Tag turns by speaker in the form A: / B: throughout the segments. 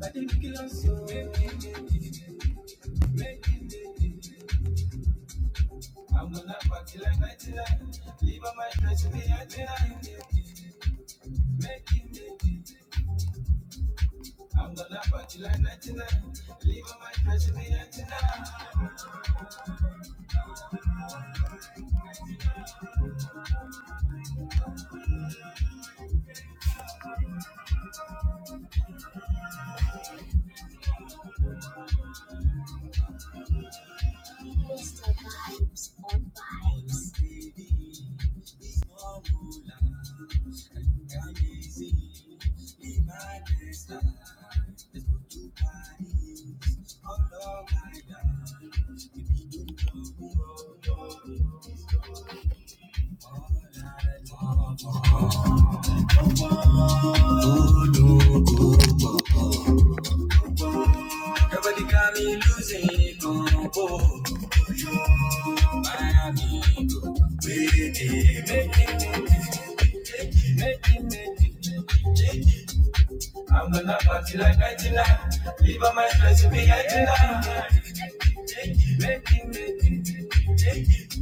A: Ridiculous, so Make it, make it, make it. I'm gonna party like 99. Leave on my dress, me at 99. Make it, make it. I'm gonna party like 99. Leave on my dress, me at 99. Mr. Vibes on Vibes. Nobody got me losing control. My amigo, baby, make it, make it, make it, make it, make it. I'm gonna party like I did not. Leave on my friends with me, I did not. Take it, make it, make it, take it, take it.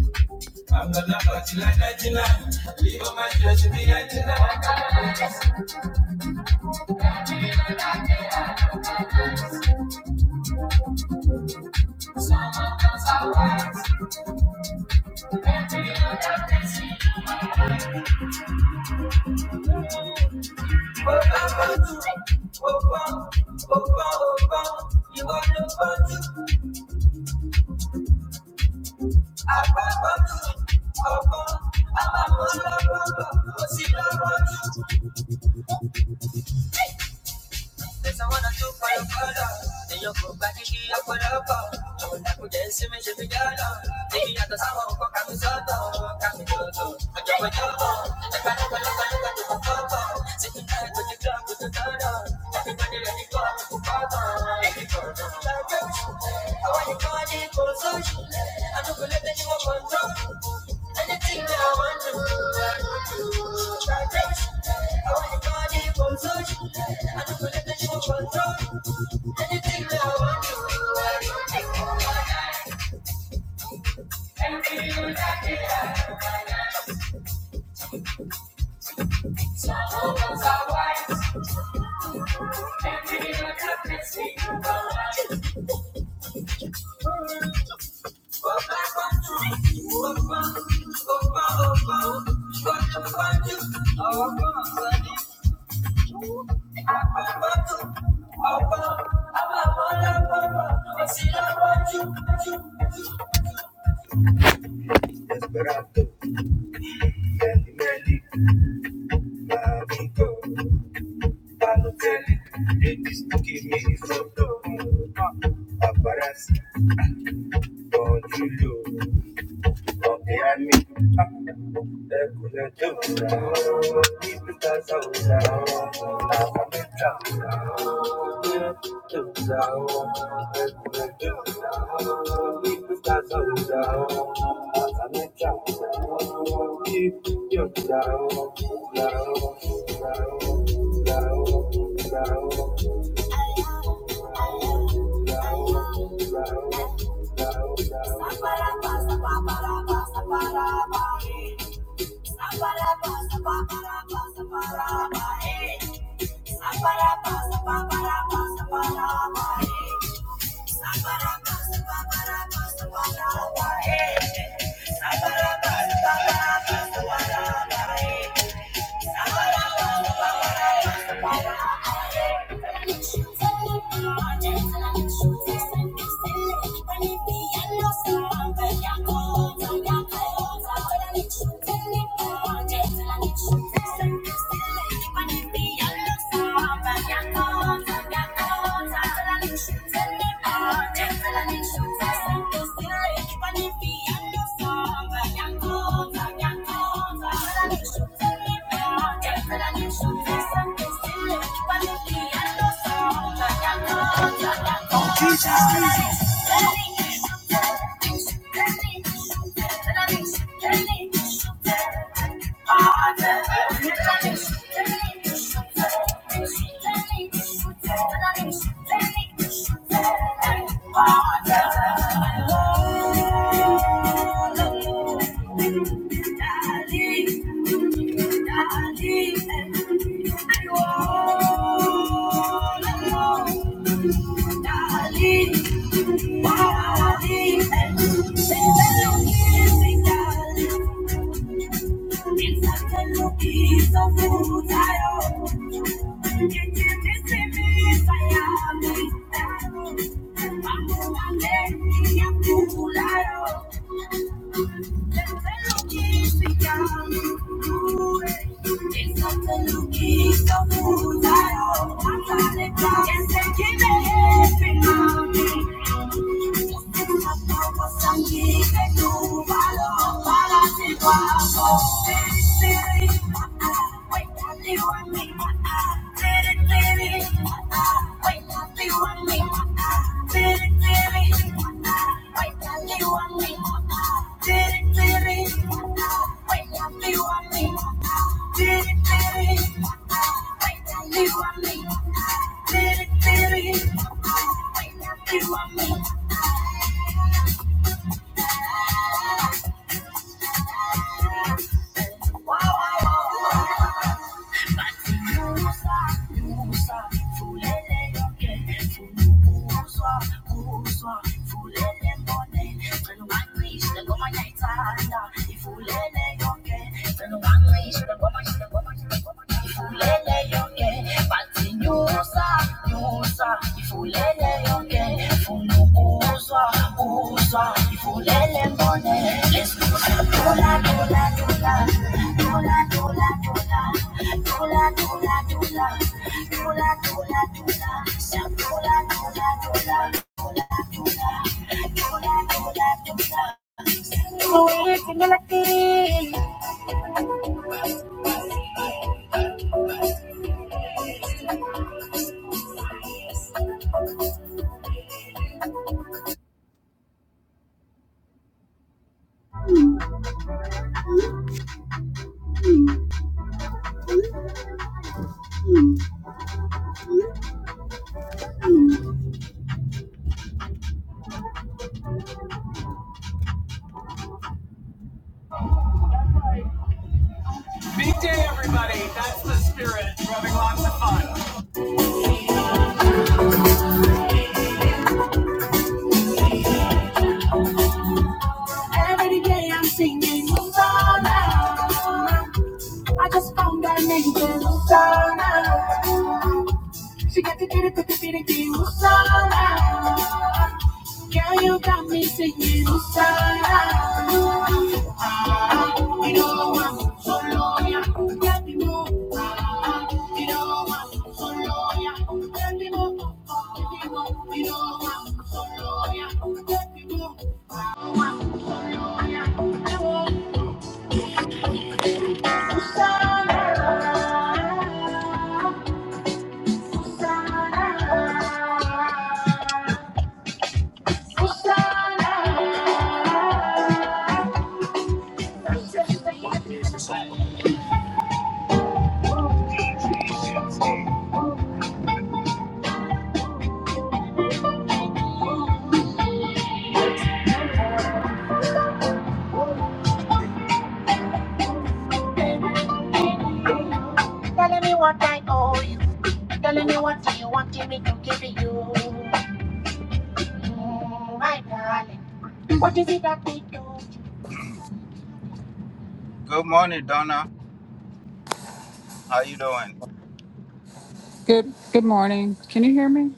A: I'm gonna party like I did not. Leave on my friends with me, I did not. What I'm gonna do? Oh, oh, oh, oh, oh. You want to party? I want to. Oh, oh, I'm a mother, oh, oh. Oh, see, I want to. Dance don't go back and get up for with a pop. Don't let me dance in my Jimmy Pesawana tu palopalo, niyo ko bakiki ako lapa. Una ko din si Miss Emiliano, hindi yata sawa ko kami soto, kami toto, magyawa yoto. Nagkano ka lang kayo ka tumapoto, sige na ito di ka kututada. Kapit na nila di ko ako to go, ko na Awan yung kani ko sa Ano kulit na niyo ang Anything that I want to, I want to. Try this. I want your body from touch. I don't believe that you control. Anything that I want to, I want to. Everything you got me at. So open my eyes. Everything you got me see. Open, open, open, open, open. Open, open, open. Esperanto, Meli Meli, Amigo, Palotelli, Elvis, give me photo. Paparazzi, on Julio, on the army, Ecuador, Ibiza, Sousa, Africa, Thank you. Thank you. Thank you. Darling, darling, darling, Yes, they give me every morning. Wait, you want me? Ifulele mbone, let's go, dola, dola, dola. Every day I'm singing Hosanna. I just found that nigga said Hosanna. She got to get it, put the beat again Hosanna. Girl, you got me singing Hosanna. You know I'm for ya, let me move. You know I'm so loyal, let me move. you you know I'm so loyal, let me move. I want Hosanna, Hosanna. Telling me what I owe you. Telling me what do you want me to give you. Mm, my darling. What is it that we do?
B: Good good morning. Can you hear me?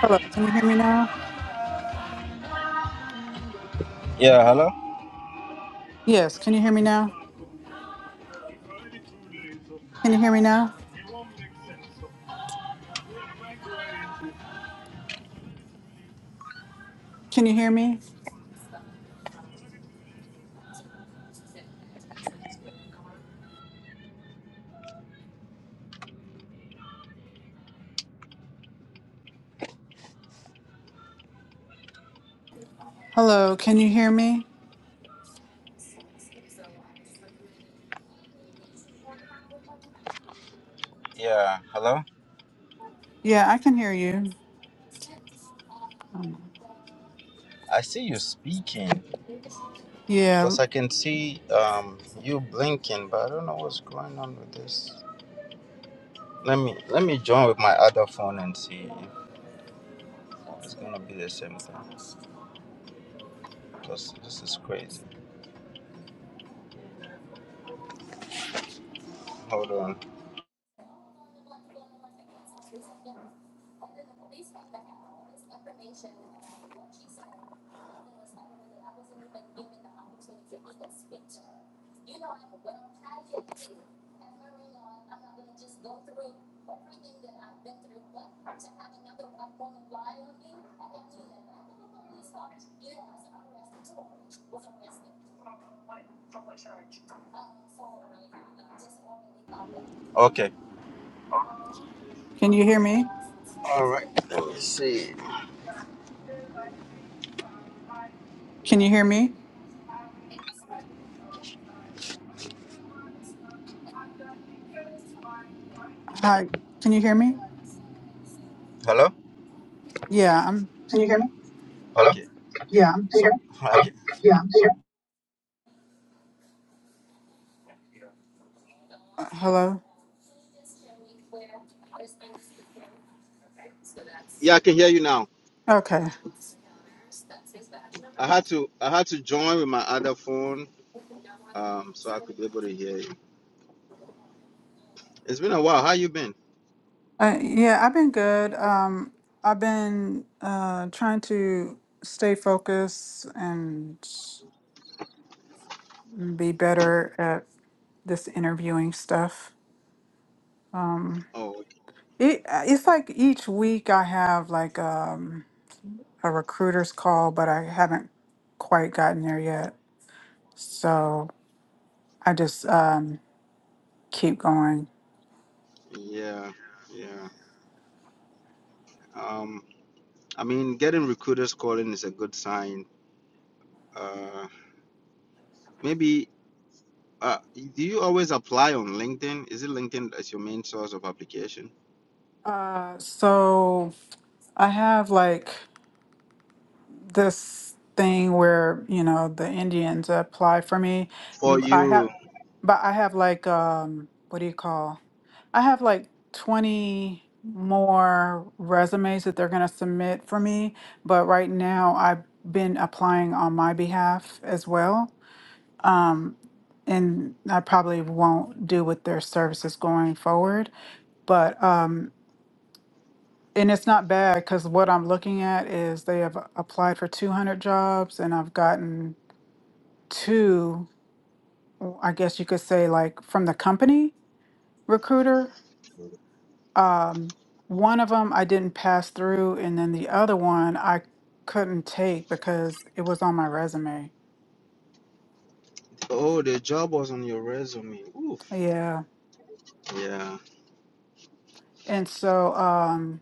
B: Hello. Can you hear me now? Yes, can you hear me now? Can you hear me now? Can you hear me? Hello, can you hear me? Yeah, I can hear you. Yeah. Can you hear me? Can you hear me? Hi. Can you hear me? Yeah, I'm uh, hello.
C: Yeah, I can hear you now.
B: Okay.
C: I had to I had to join with my other phone, um, so I could be able to hear you. It's been a while. How you been?
B: Uh, yeah, I've been good. Um I've been uh trying to stay focused and be better at this interviewing stuff.
C: Oh,
B: It uh, it's like each week I have like um a recruiter's call, but I haven't quite gotten there yet. So I just um keep going.
C: yeah, yeah. Um, I mean, getting recruiters calling is a good sign. Uh, maybe. Uh, do you always apply on LinkedIn? Is it LinkedIn as your main source of application?
B: Uh so I have like this thing where, you know, the Indians apply for me.
C: For
B: M- I have
C: you.
B: but I have like um what do you call I have like 20 more resumes that they're going to submit for me, but right now I've been applying on my behalf as well. Um, and I probably won't do with their services going forward, but um, and it's not bad because what I'm looking at is they have applied for 200 jobs and I've gotten two, I guess you could say, like from the company recruiter Um, one of them I didn't pass through, and then the other one I couldn't take because it was on my resume.
C: Oh, the job was on your resume. Oof.
B: Yeah.
C: Yeah.
B: And so, um,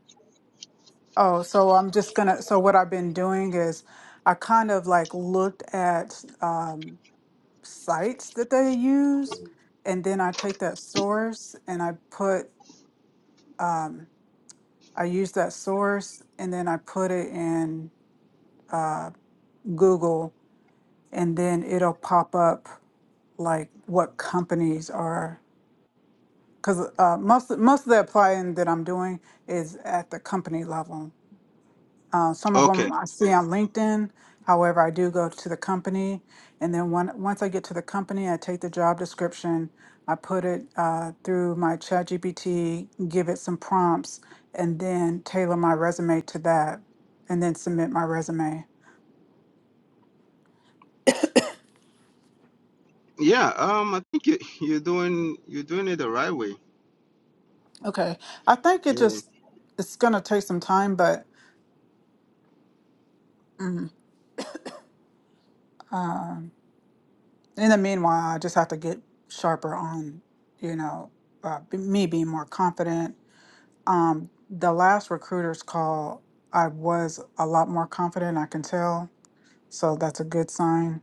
B: oh, so I'm just gonna, so what I've been doing is I kind of like looked at um, sites that they use, and then I take that source and I put, um, I use that source and then I put it in uh, Google, and then it'll pop up. like what companies are because uh, most most of the applying that I'm doing is at the company level. Uh, some of
C: Okay.
B: them I see on LinkedIn. However, I do go to the company, and then one, once I get to the company, I take the job description, I put it uh, through my ChatGPT, give it some prompts, and then tailor my resume to that, and then submit my resume.
C: Yeah. Um, I think you you're doing you're doing it the right way.
B: Okay, I think it
C: Yeah.
B: just it's gonna take some time, but in the meanwhile, I just have to get sharper on, you know, uh, b- me being more confident. The last recruiter's call, I was a lot more confident, I can tell. So that's a good sign.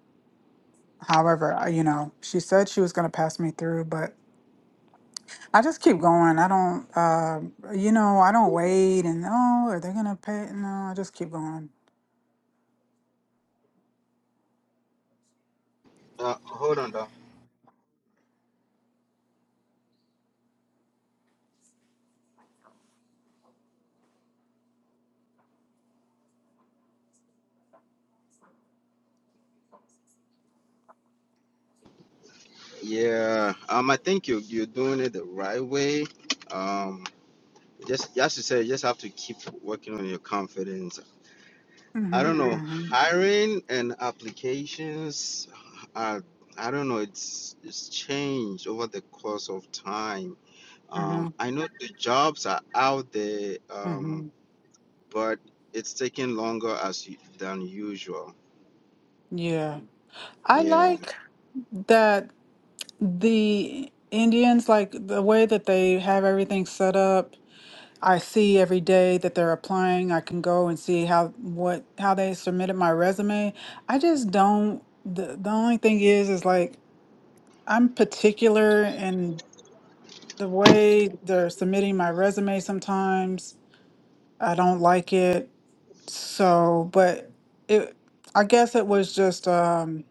B: However, I- you know, she said she was going to pass me through, but I just keep going. I don't, uh, you know, I don't wait and, oh, are they going to pay? No, I just keep going.
C: Uh, hold on. Yeah, um, I think you you're doing it the right way. Um, just as you said, you just have to keep working on your confidence. I don't
B: Mm
C: hmm
B: hmm.
C: know,
B: Mm
C: hiring and applications are I don't know, it's it's changed over the course of time.
B: hmm. Mm hmm.
C: Um, I know the jobs are out there,
B: Mm
C: um,
B: hmm.
C: but it's taking longer as u- than usual.
B: Yeah. I
C: Yeah.
B: like that The Indians, like the way that they have everything set up, I see every day that they're applying. I can go and see how what how they submitted my resume. I just don't. The the only thing is, is like I'm particular in the way they're submitting my resume. Sometimes I don't like it. So, but it, I guess it was just um,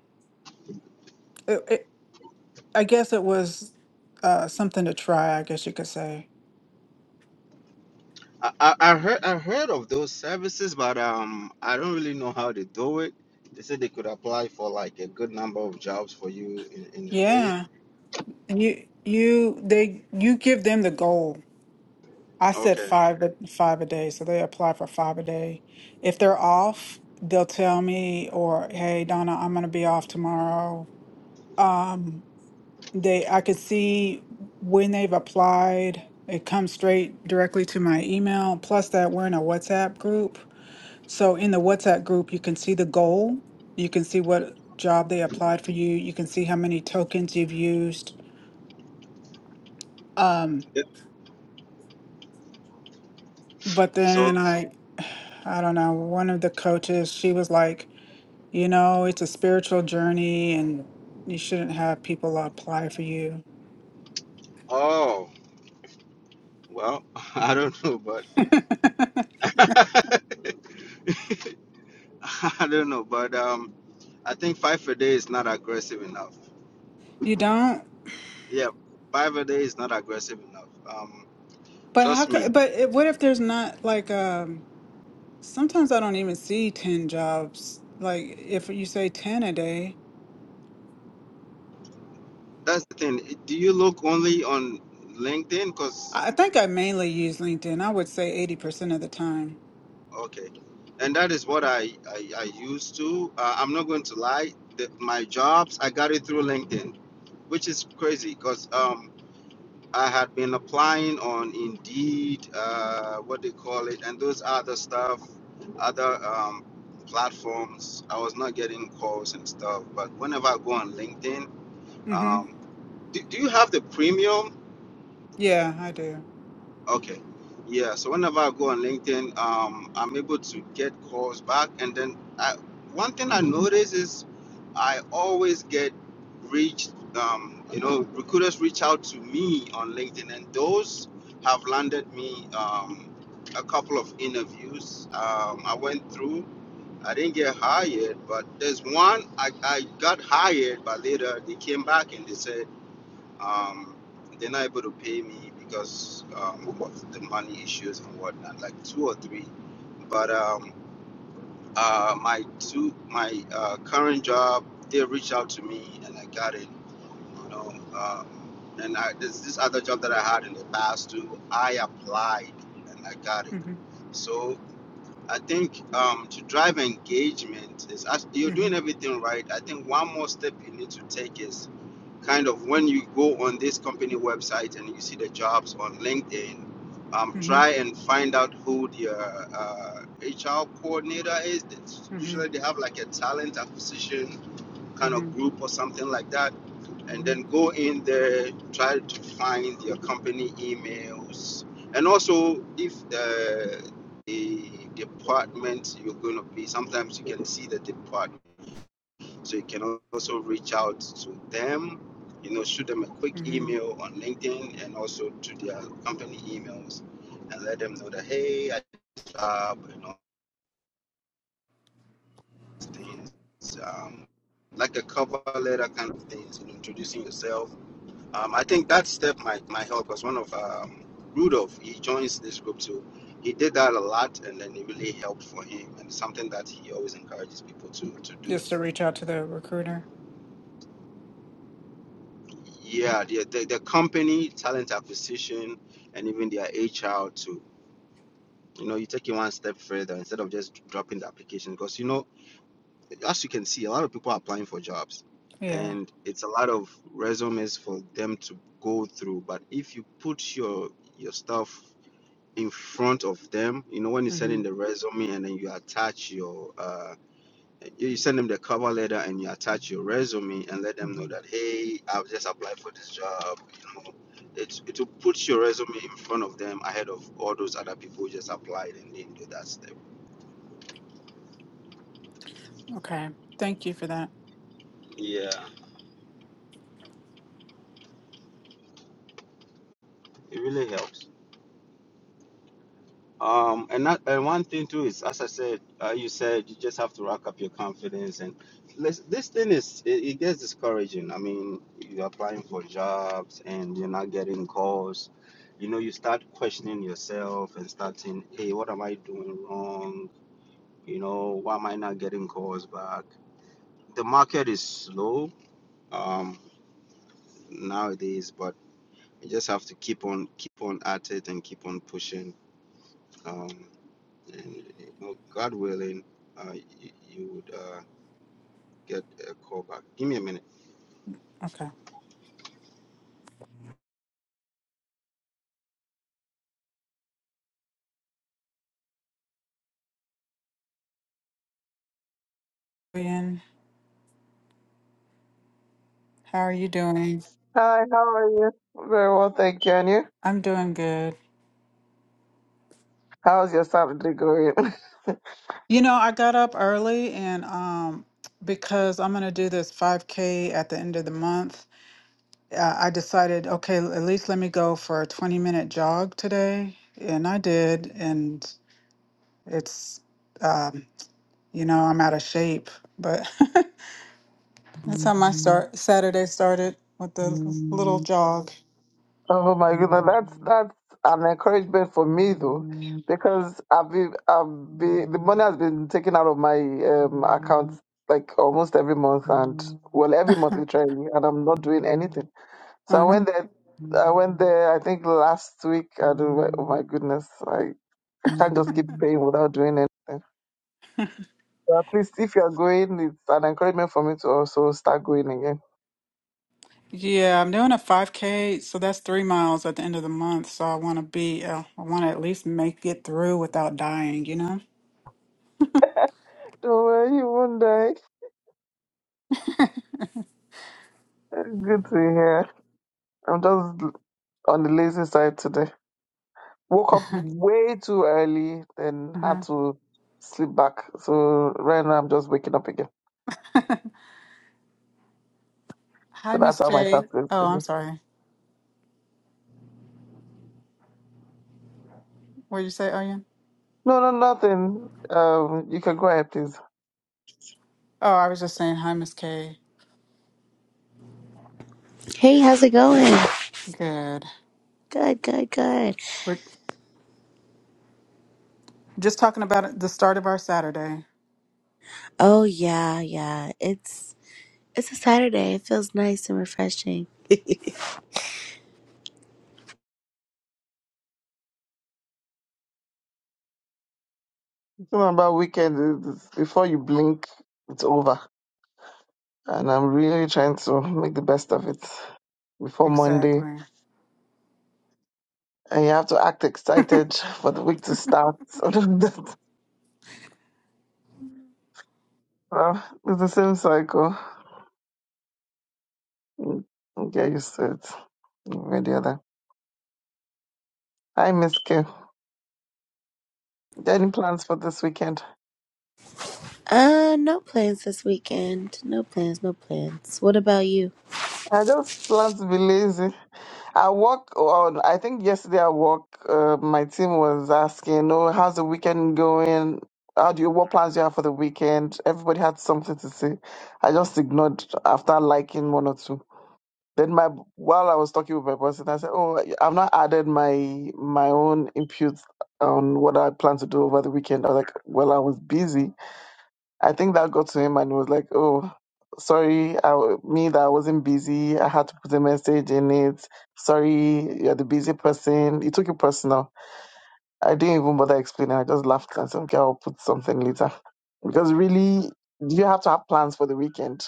B: it, it I guess it was uh something to try. I guess you could say.
C: I, I I heard I heard of those services, but um, I don't really know how they do it. They said they could apply for like a good number of jobs for you in, in a day.
B: Yeah. And You you they you give them the goal. I said
C: Okay.
B: five a- five a day, so they apply for five a day. If they're off, they'll tell me or hey Donna, I'm gonna be off tomorrow. They I could see when they've applied. It comes straight directly to my email. Plus that we're in a WhatsApp group. So in the WhatsApp group you can see the goal. You can see what job they applied for you. You can see how many tokens you've used. Um,
C: Yeah.
B: but then
C: So,
B: I I don't know, one of the coaches, she was like, you know, it's a spiritual journey and you shouldn't have people apply for you.
C: oh, well, I don't know, but I don't know, but um, I think five a day is not aggressive enough.
B: You don't?
C: Yeah, five a day is not aggressive enough. Um,
B: But how
C: trust me.
B: could, but it, what if there's not like, um, sometimes I don't even see 10 jobs. Like if you say 10 a day,
C: That's the thing. Do you look only on LinkedIn? Cause
B: I I think I mainly use LinkedIn. I would say 80% of the time.
C: Okay, and that is what I I, I used to. Uh, I'm not going to lie. The, my jobs I got it through LinkedIn, which is crazy because um I had been applying on Indeed, uh, what they call it, and those other stuff, other um platforms. I was not getting calls and stuff, but whenever I go on LinkedIn,
B: Mm-hmm.
C: um, do, do you have the premium?
B: Yeah, I do.
C: Okay. Yeah. So whenever I go on LinkedIn, um, I'm able to get calls back. And then I, one thing I notice is I always get reached, um, you know, recruiters reach out to me on LinkedIn, and those have landed me um, a couple of interviews. Um, I went through. I didn't get hired, but there's one I, I got hired, but later they came back and they said, um, they're not able to pay me because um, of the money issues and whatnot, like two or three. But um, uh, my two, my uh, current job, they reached out to me and I got it. You know, um, and I, this this other job that I had in the past too, I applied and I got it.
B: Mm-hmm.
C: So I think um, to drive engagement is act- you're
B: Mm-hmm.
C: doing everything right. I think one more step you need to take is kind of when you go on this company website and you see the jobs on LinkedIn, um, try
B: Mm-hmm.
C: and find out who the uh, HR coordinator is. It's
B: Mm-hmm.
C: usually they have like a talent acquisition kind
B: Mm-hmm.
C: of group or something like that. And then
B: Mm-hmm.
C: go in there, try to find your company emails. And also, if uh, the department you're going to be, sometimes you can see the department so you can also reach out to them, you know, shoot them a quick
B: Mm-hmm.
C: email on LinkedIn and also to their company emails and let them know that, hey, I job and all these things. Um, like a cover letter kind of things and introducing yourself. Um, I think that step might, might help us. One of um, Rudolph, he joins this group too. He did that a lot and then it really helped for him and it's something that he always encourages people to, to do
B: Just to reach out to the recruiter.
C: Yeah, the, the, the company, talent acquisition, and even their HR too. You know, you take it one step further instead of just dropping the application because, you know, as you can see, a lot of people are applying for jobs
B: Yeah.
C: and it's a lot of resumes for them to go through. But if you put your your stuff in front of them, you know, when you send
B: Mm-hmm.
C: in the resume and then you attach your uh, you send them the cover letter and you attach your resume and let them
B: Mm-hmm.
C: know that hey i've just applied for this job you know it it will put your resume in front of them ahead of all those other people who just applied and didn't do that step
B: Okay. Thank you for that.
C: yeah it really helps Um, and that, and one thing too is, as I said, uh, you said you just have to rack up your confidence, and let's, this thing is it, it gets discouraging. I mean, you're applying for jobs and you're not getting calls. You know, you start questioning yourself and start saying, "Hey, what am I doing wrong? You know, why am I not getting calls back?" The market is slow um, nowadays, but you just have to keep on keep on at it and keep on pushing. um, and you know, God willing, uh, you, you would uh, get a call back. Give me a minute.
B: Okay. Ian, how are you doing?
D: Hi, how are you? Very well, thank you. And you?
B: I'm doing good.
D: How's your Saturday going?
B: You know, I got up early and um because I'm going to do this 5K at the end of the month, uh, I decided, okay, l- at least let me go for a 20 minute jog today. And I did. And it's, um, you know, I'm out of shape, but that's how my start Saturday started with the little jog.
D: Oh my goodness, that's that's an encouragement for me though, because I've been I've been the money has been taken out of my um account like almost every month and well every month literally, and I'm not doing anything. So I
B: Uh-huh.
D: went there, I went there I think last week. I do. Oh my goodness, I I can't just keep paying without doing anything. So at least if you're going, it's an encouragement for me to also start going again.
B: Yeah, I'm doing a 5K, so that's three miles at the end of the month. So I want to be, uh, I want to at least make it through without dying, you know?
D: Don't worry, you won't die. Good to hear. I'm just on the lazy side today. Woke up way too early, then had to sleep back. So right now I'm just waking up again.
B: Hi,
D: So that's
B: Miss
D: how my
B: K.
D: start feels
B: Oh, I'm
D: today.
B: sorry. What did you say, Oyen?
D: No, no, nothing. Um, you can go ahead, please.
B: Oh, I was just saying hi, Miss K.
E: Hey, how's it going?
B: Good.
E: Good, good, good.
B: We're just talking about it- the start of our Saturday.
E: Oh yeah, yeah. It's it's a Saturday. It feels nice and refreshing.
D: Something about weekend. It's- Before you blink, it's over, and I'm really trying to make the best of it before Monday.
B: Exactly.
D: And you have to act excited for the week to start. So that's- well, it's the same cycle. You you Get used to it. One way or the other. Hi, Miss K. Any plans for this weekend?
E: Uh, no plans this weekend. No plans, no plans. What about you?
D: I just plan to be lazy. I work on, I think yesterday I work, uh, my team was asking, oh, how's the weekend going? How do you, what plans do you have for the weekend? Everybody had something to say. I just ignored after liking one or two. Then my while I was talking with my person, I said, "Oh, I've not added my my own input on what I plan to do over the weekend." I was like, "Well, I was busy." I think that got to him, and he was like, "Oh, sorry, I, w- me that I wasn't busy. I had to put a message in it. Sorry, you're the busy person." He took it personal. I didn't even bother explaining. I just laughed and said, "Okay, I'll put something later," because really, you have to have plans for the weekend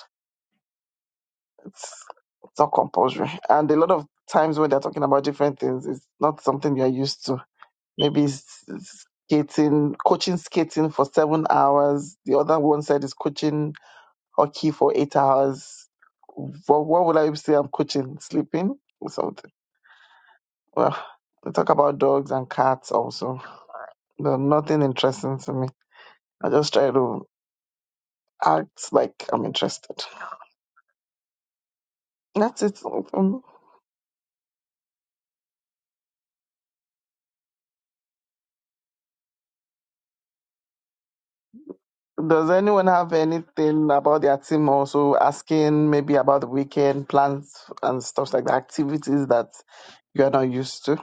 D: it's it's not compulsory. And a lot of times when they're talking about different things, it's not something you're used to. Maybe it's it's skating, coaching skating for seven hours. The other one said is coaching hockey for eight hours. What, what would I say I'm coaching? Sleeping or something? Well, they talk about dogs and cats also. They're nothing interesting to me. I just try to act like I'm interested. That's it. Mm-hmm. Does anyone have anything about their team also asking maybe about the weekend plans and stuff like that, activities that you are not used to?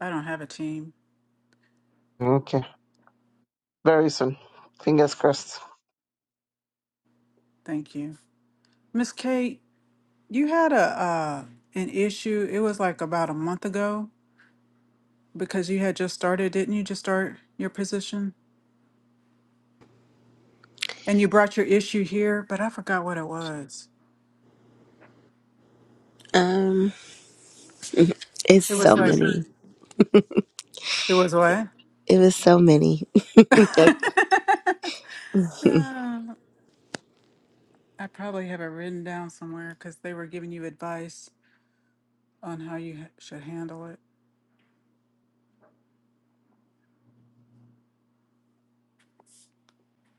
B: I don't have a team.
D: Okay. Very soon. Fingers crossed.
B: Thank you. Miss Kate, you had a uh an issue. It was like about a month ago because you had just started, didn't you just start your position? And you brought your issue here, but I forgot what it was.
E: Um, it's
B: It
E: so
B: was like,
E: many.
B: it was what?
E: It was so many.
B: Um, I probably have it written down somewhere because they were giving you advice on how you ha- should handle it.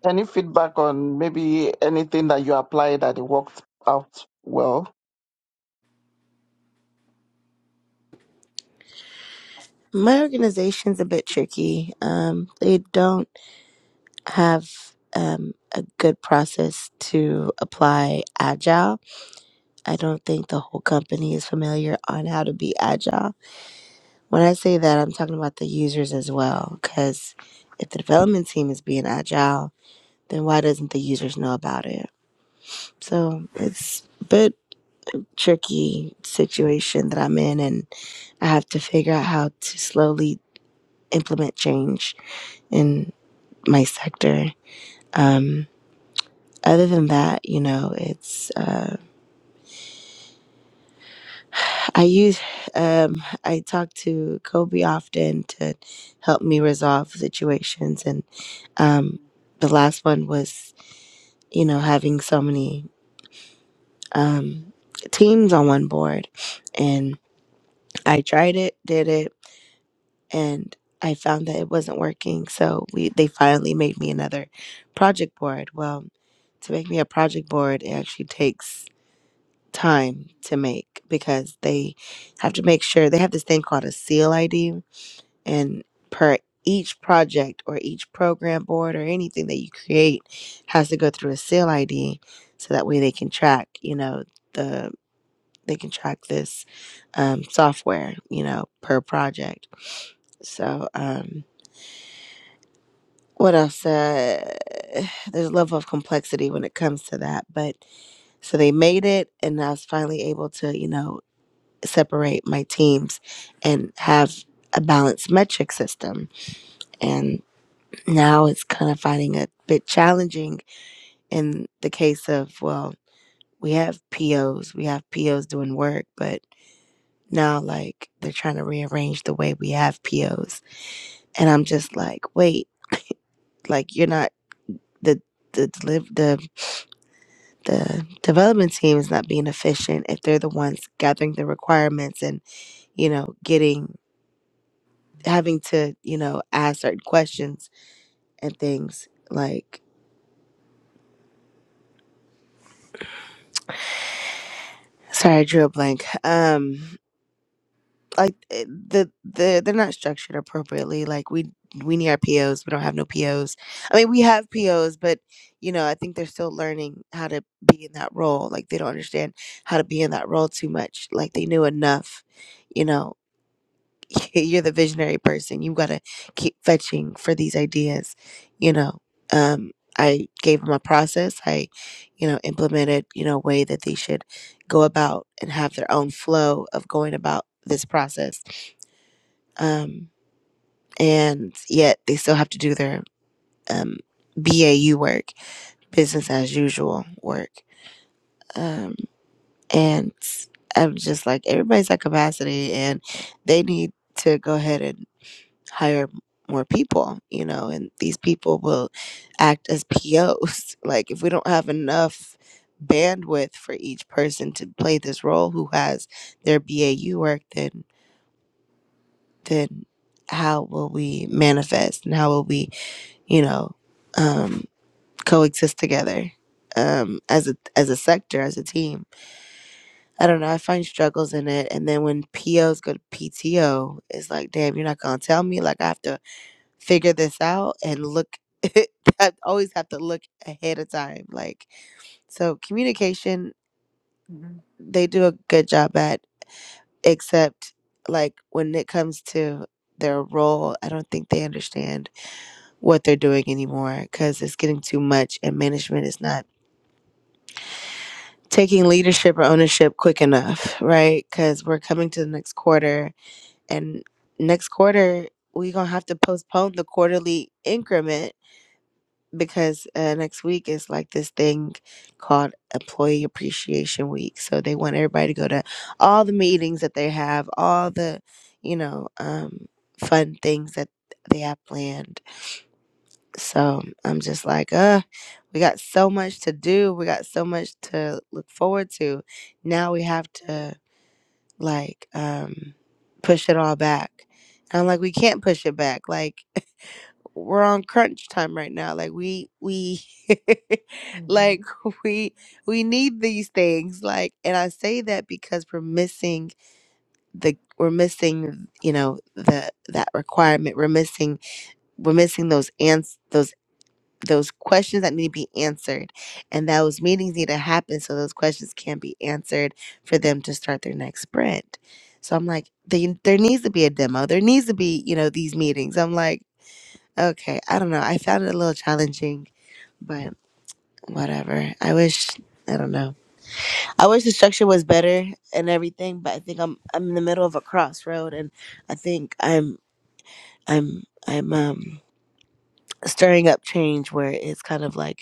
D: Any feedback on maybe anything that you applied that it worked out well?
E: My organization's a bit tricky. Um, they don't have um a good process to apply agile. I don't think the whole company is familiar on how to be agile. When I say that, I'm talking about the users as well. Because if the development team is being agile, then why doesn't the users know about it? So it's a bit tricky situation that I'm in, and I have to figure out how to slowly implement change in my sector. Um, other than that, you know, it's uh, I use um, I talk to Kobe often to help me resolve situations, and. Um, the last one was, you know, having so many um, teams on one board. And I tried it, did it, and I found that it wasn't working. So we they finally made me another project board. Well, to make me a project board, it actually takes time to make because they have to make sure they have this thing called a seal ID and per each project or each program board or anything that you create has to go through a sale ID so that way they can track, you know, the they can track this um, software, you know, per project. So, um, what else? Uh, there's a level of complexity when it comes to that. But so they made it, and I was finally able to, you know, separate my teams and have a balanced metric system. and. now it's kind of finding it a bit challenging in the case of well we have pos we have pos doing work but now like they're trying to rearrange the way we have pos and i'm just like wait like you're not the the deliv- the the development team is not being efficient if they're the ones gathering the requirements and you know getting having to you know ask certain questions and things like sorry i drew a blank um like eh, the the they're not structured appropriately. Like we we need our POs. We don't have no POs. I mean, we have POs, but you know, I think they're still learning how to be in that role. Like they don't understand how to be in that role too much. Like they knew enough. You know, you're the visionary person. You got to keep fetching for these ideas. You know, um, I gave them a process. I, you know, implemented you know a way that they should go about and have their own flow of going about this process um, and yet they still have to do their um, BAU work, business as usual work. Um, and I'm just like, everybody's at capacity, and they need to go ahead and hire more people, you know, and these people will act as P Os like, if we don't have enough bandwidth for each person to play this role who has their BAU work, then, then how will we manifest and how will we you know, um, coexist together um, as a as a sector, as a team. I don't know. I find struggles in it, and then when POs go to PTO, it's like, damn, you're not gonna tell me. Like I have to figure this out and look. I always have to look ahead of time. Like so, communication
B: hmm
E: they do a good job at, except like when it comes to their role, I don't think they understand what they're doing anymore because it's getting too much, and management is not taking leadership or ownership quick enough, right? Because we're coming to the next quarter, and next quarter we're gonna have to postpone the quarterly increment because uh, next week is like this thing called Employee Appreciation Week. So they want everybody to go to all the meetings that they have, all the you know um, fun things that they have planned so I'm just like, uh, we got so much to do. We got so much to look forward to. Now we have to like um push it all back. And I'm like, we can't push it back. Like we're on crunch time right now. Like we we like we we need these things. Like and I say that because we're missing the we're missing, you know, the that requirement. We're missing we're missing those ans those those questions that need to be answered and those meetings need to happen so those questions can be answered for them to start their next sprint so i'm like they, there needs to be a demo there needs to be you know these meetings i'm like okay i don't know i found it a little challenging but whatever i wish i don't know i wish the structure was better and everything but i think i'm i'm in the middle of a crossroad and i think i'm i'm i'm um stirring up change where it's kind of like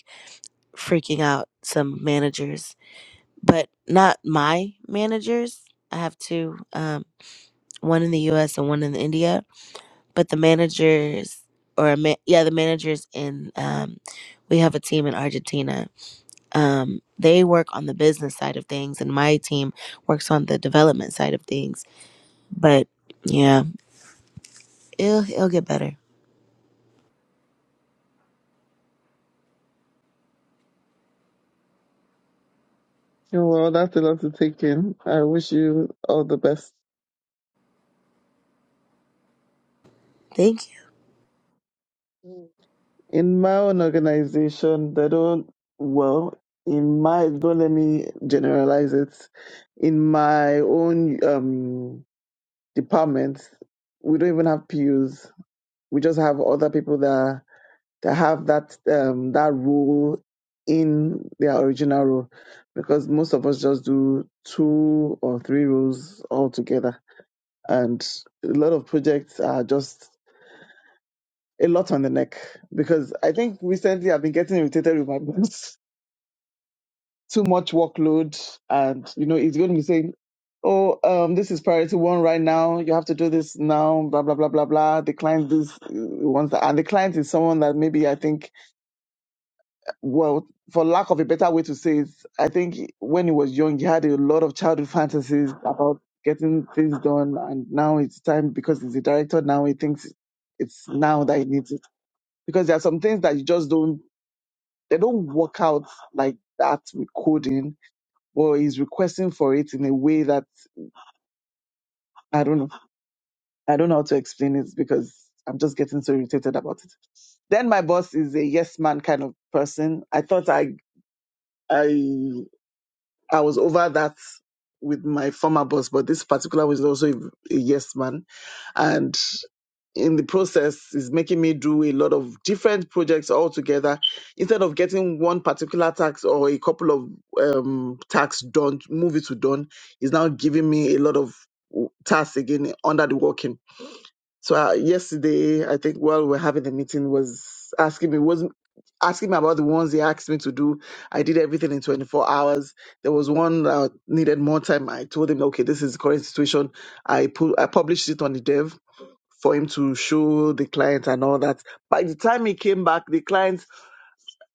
E: freaking out some managers, but not my managers. I have two, um, one in the U.S. and one in India. But the managers, or a ma- yeah, the managers in, um, we have a team in Argentina. Um, they work on the business side of things, and my team works on the development side of things. But yeah, it'll it'll get better.
D: Yeah, Well, that's a lot to take in. I wish you all the best.
E: Thank
D: In my own organization, they don't, well, in my, don't let me generalize it. In my own um, department, we don't even have PUs. We just have other people that, that have that, um, that role in their original role because most of us just do two or three roles altogether. And a lot of projects are just a lot on the neck because I think recently I've been getting irritated with my boss. Too much workload, and you know he's going to be saying, "Oh, um, this is priority one right now. You have to do this now." Blah blah blah blah blah. The client this uh, wants that, and the client is someone that maybe I think, well, for lack of a better way to say it, I think when he was young, he had a lot of childhood fantasies about getting things done, and now it's time because he's a director. Now he thinks it's now that he needs it because there are some things that you just don't They don't work out like that with coding, but he's requesting for it in a way that I don't know. I don't know how to explain it because I'm just getting so irritated about it. Then my boss is a yes man kind of person. I thought I I I was over that with my former boss, but this particular was also a, a yes man. And in the process is making me do a lot of different projects all together instead of getting one particular tax or a couple of um tax done move it to done is now giving me a lot of w- tasks again under the working so uh, yesterday i think while we're having the meeting was asking me was asking me about the ones they asked me to do i did everything in 24 hours there was one that needed more time i told him okay this is the current situation i put i published it on the dev for him to show the client and all that. By the time he came back, the client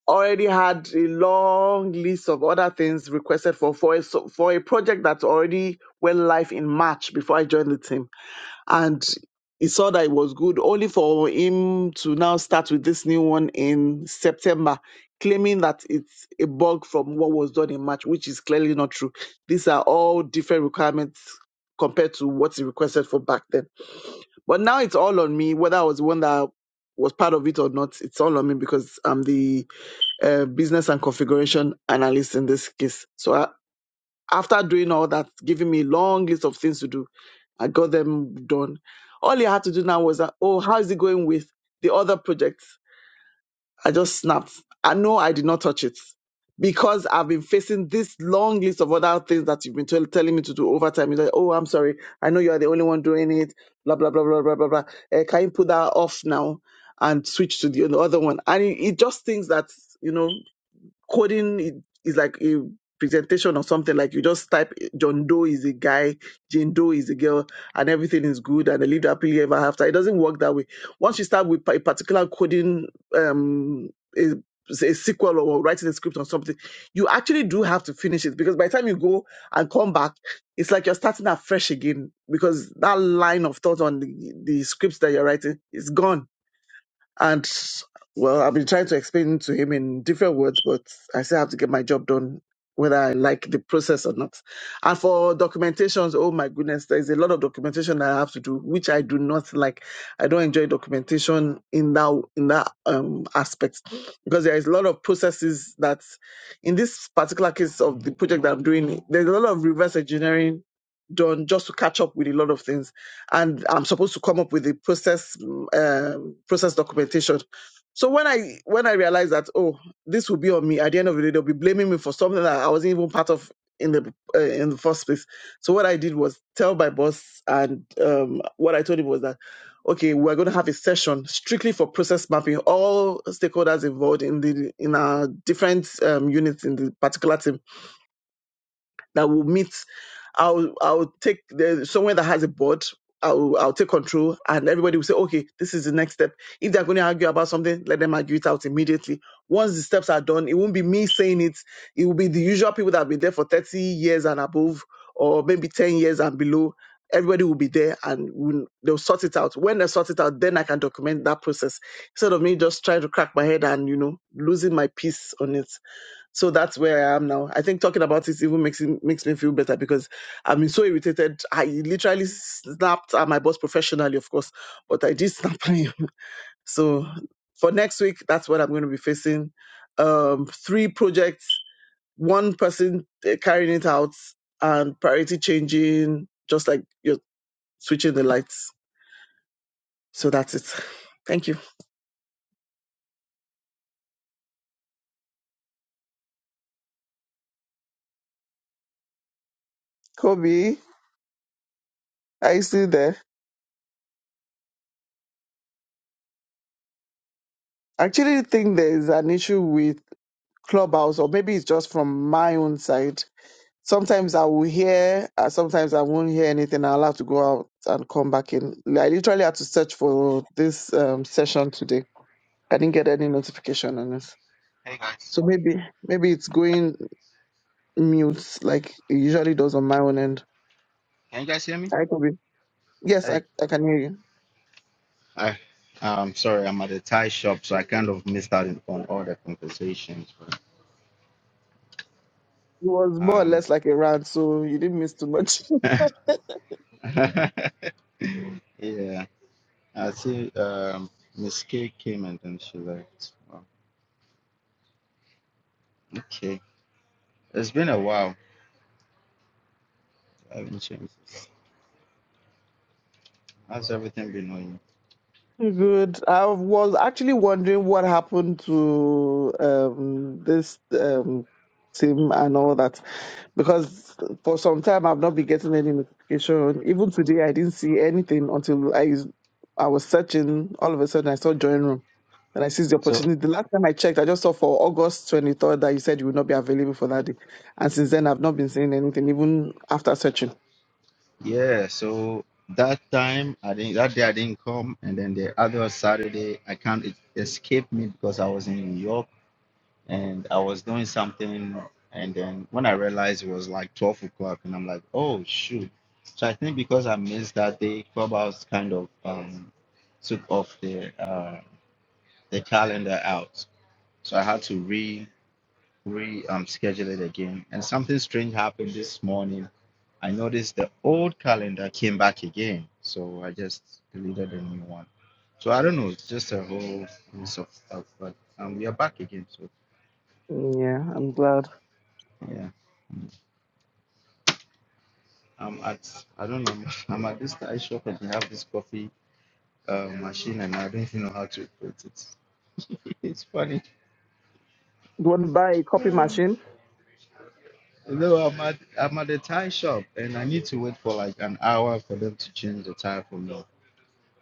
D: already had a long list of other things requested for for a, so- for a project that already went live in March before I joined the team. And he saw that it was good, only for him to now start with this new one in September, claiming that it's a bug from what was done in March, which is clearly not true. These are all different requirements compared to what he requested for back then. But now it's all on me, whether I was the one that was part of it or not. It's all on me because I'm the uh, business and configuration analyst in this case. So I, after doing all that, giving me a long list of things to do, I got them done. All I had to do now was, uh, oh, how is it going with the other project? I just snapped. I know I did not touch it because I've been facing this long list of other things that you've been tell telling me to do over time. You're like, oh, I'm sorry. I know you're the only one doing it. Blah, blah, blah, blah, blah, blah, blah. Eh, can you put that off now and switch to the other one? And it, it just thinks that, you know coding i- is like a presentation or something like you just type John Doe is a guy, Jane Doe is a girl, and everything is good and they live happily ever after. It doesn't work that way. Once you start with a particular coding, um, a, a sequel or writing a script or something, you actually do have to finish it because by the time you go and come back, it's like you're starting afresh again because that line of thought on the, the scripts that you're writing is gone and well, I've been trying to explain to him in different words, but I still have to get my job done, whether I like the process or not. And for documentations, oh my goodness, there's a lot of documentation I have to do, which I do not like. I don't enjoy documentation in that in that um, aspect because there is a lot of processes that, in this particular case of the project that I'm doing, there's a lot of reverse engineering done just to catch up with a lot of things and I'm supposed to come up with the process mm, um process documentation. So when I when I realized that oh this will be on me at the end of the day they'll be blaming me for something that I wasn't even part of in the uh, in the first place. So what I did was tell my boss and um, what I told him was that okay we're going to have a session strictly for process mapping all stakeholders involved in the in our different um, units in the particular team that will meet I'll I'll take the, somewhere that has a board. I'll I'll take control, and everybody will say, okay, this is the next step. If they're going to argue about something, let them argue it out immediately. Once the steps are done, it won't be me saying it. It will be the usual people that have been there for thirty years and above, or maybe ten years and below. Everybody will be there, and will they'll sort it out. When they sort it out, then I can document that process instead of me just trying to crack my head and you know losing my peace on it. So that's where I am now. I think talking about it even makes it, makes me feel better because I've been so irritated. I literally snapped at my boss professionally, of course, but I did snap at him. So for next week, that's what I'm going to be facing. Um, three projects, one person uh, carrying it out, and priority changing, just like you're switching the lights. So that's it. Thank you. Kobe, are you still there? I actually think there is an issue with. clubhouse or maybe it's just from my own side sometimes i will hear uh, sometimes i won't hear anything i'll have to go out and come back in i literally had to search for this um, session today i didn't get any notification on it
C: Hey
D: so
C: guys,
D: maybe maybe it's going mute like it usually does on my own end
C: can you guys hear me?
D: i could be yes
C: Hey.
D: i, I can hear you
C: Hi. I'm sorry, I'm at a Thai shop, so I kind of missed out in- on all the conversations. But,
D: it was more or
C: um,
D: less like a rant so you didn't miss too much
C: yeah, I see. Um, Miss K came and then she left. Wow. Okay, it's been a while. I haven't changed. How's everything been going?
D: Good. I was actually wondering what happened to um, this um, team and all that, because for some time I've not been getting any notification. Even today, I didn't see anything until I I was searching. All of a sudden, I saw join room, and I seized the
C: So.
D: opportunity. The last time I checked, I just saw for August twenty third that you said you would not be available for that day, and since then I've not been seeing anything, even after searching.
C: Yeah, so that time I didn't that day I didn't come and then the other Saturday I can't it escaped me because I was in New York and I was doing something and then when I realized it was like twelve o'clock and I'm like, oh shoot. So I think because I missed that day, Clubhouse kind of um took off the uh the calendar out. So I had to re re um schedule it again. And something strange happened this morning I noticed the old calendar came back again, so I just deleted the new one. So I don't know, it's just a whole piece of stuff, but um, we are back again. So
D: Mm, Yeah, I'm glad.
C: yeah, I'm at I don't know, I'm at this Thai shop and they have this coffee uh, machine, and I don't even know how to operate it. it's funny.
D: You want to buy a copy machine?
C: You know, I'm at I'm at the Thai shop, and I need to wait for like an hour for them to change the tire for me,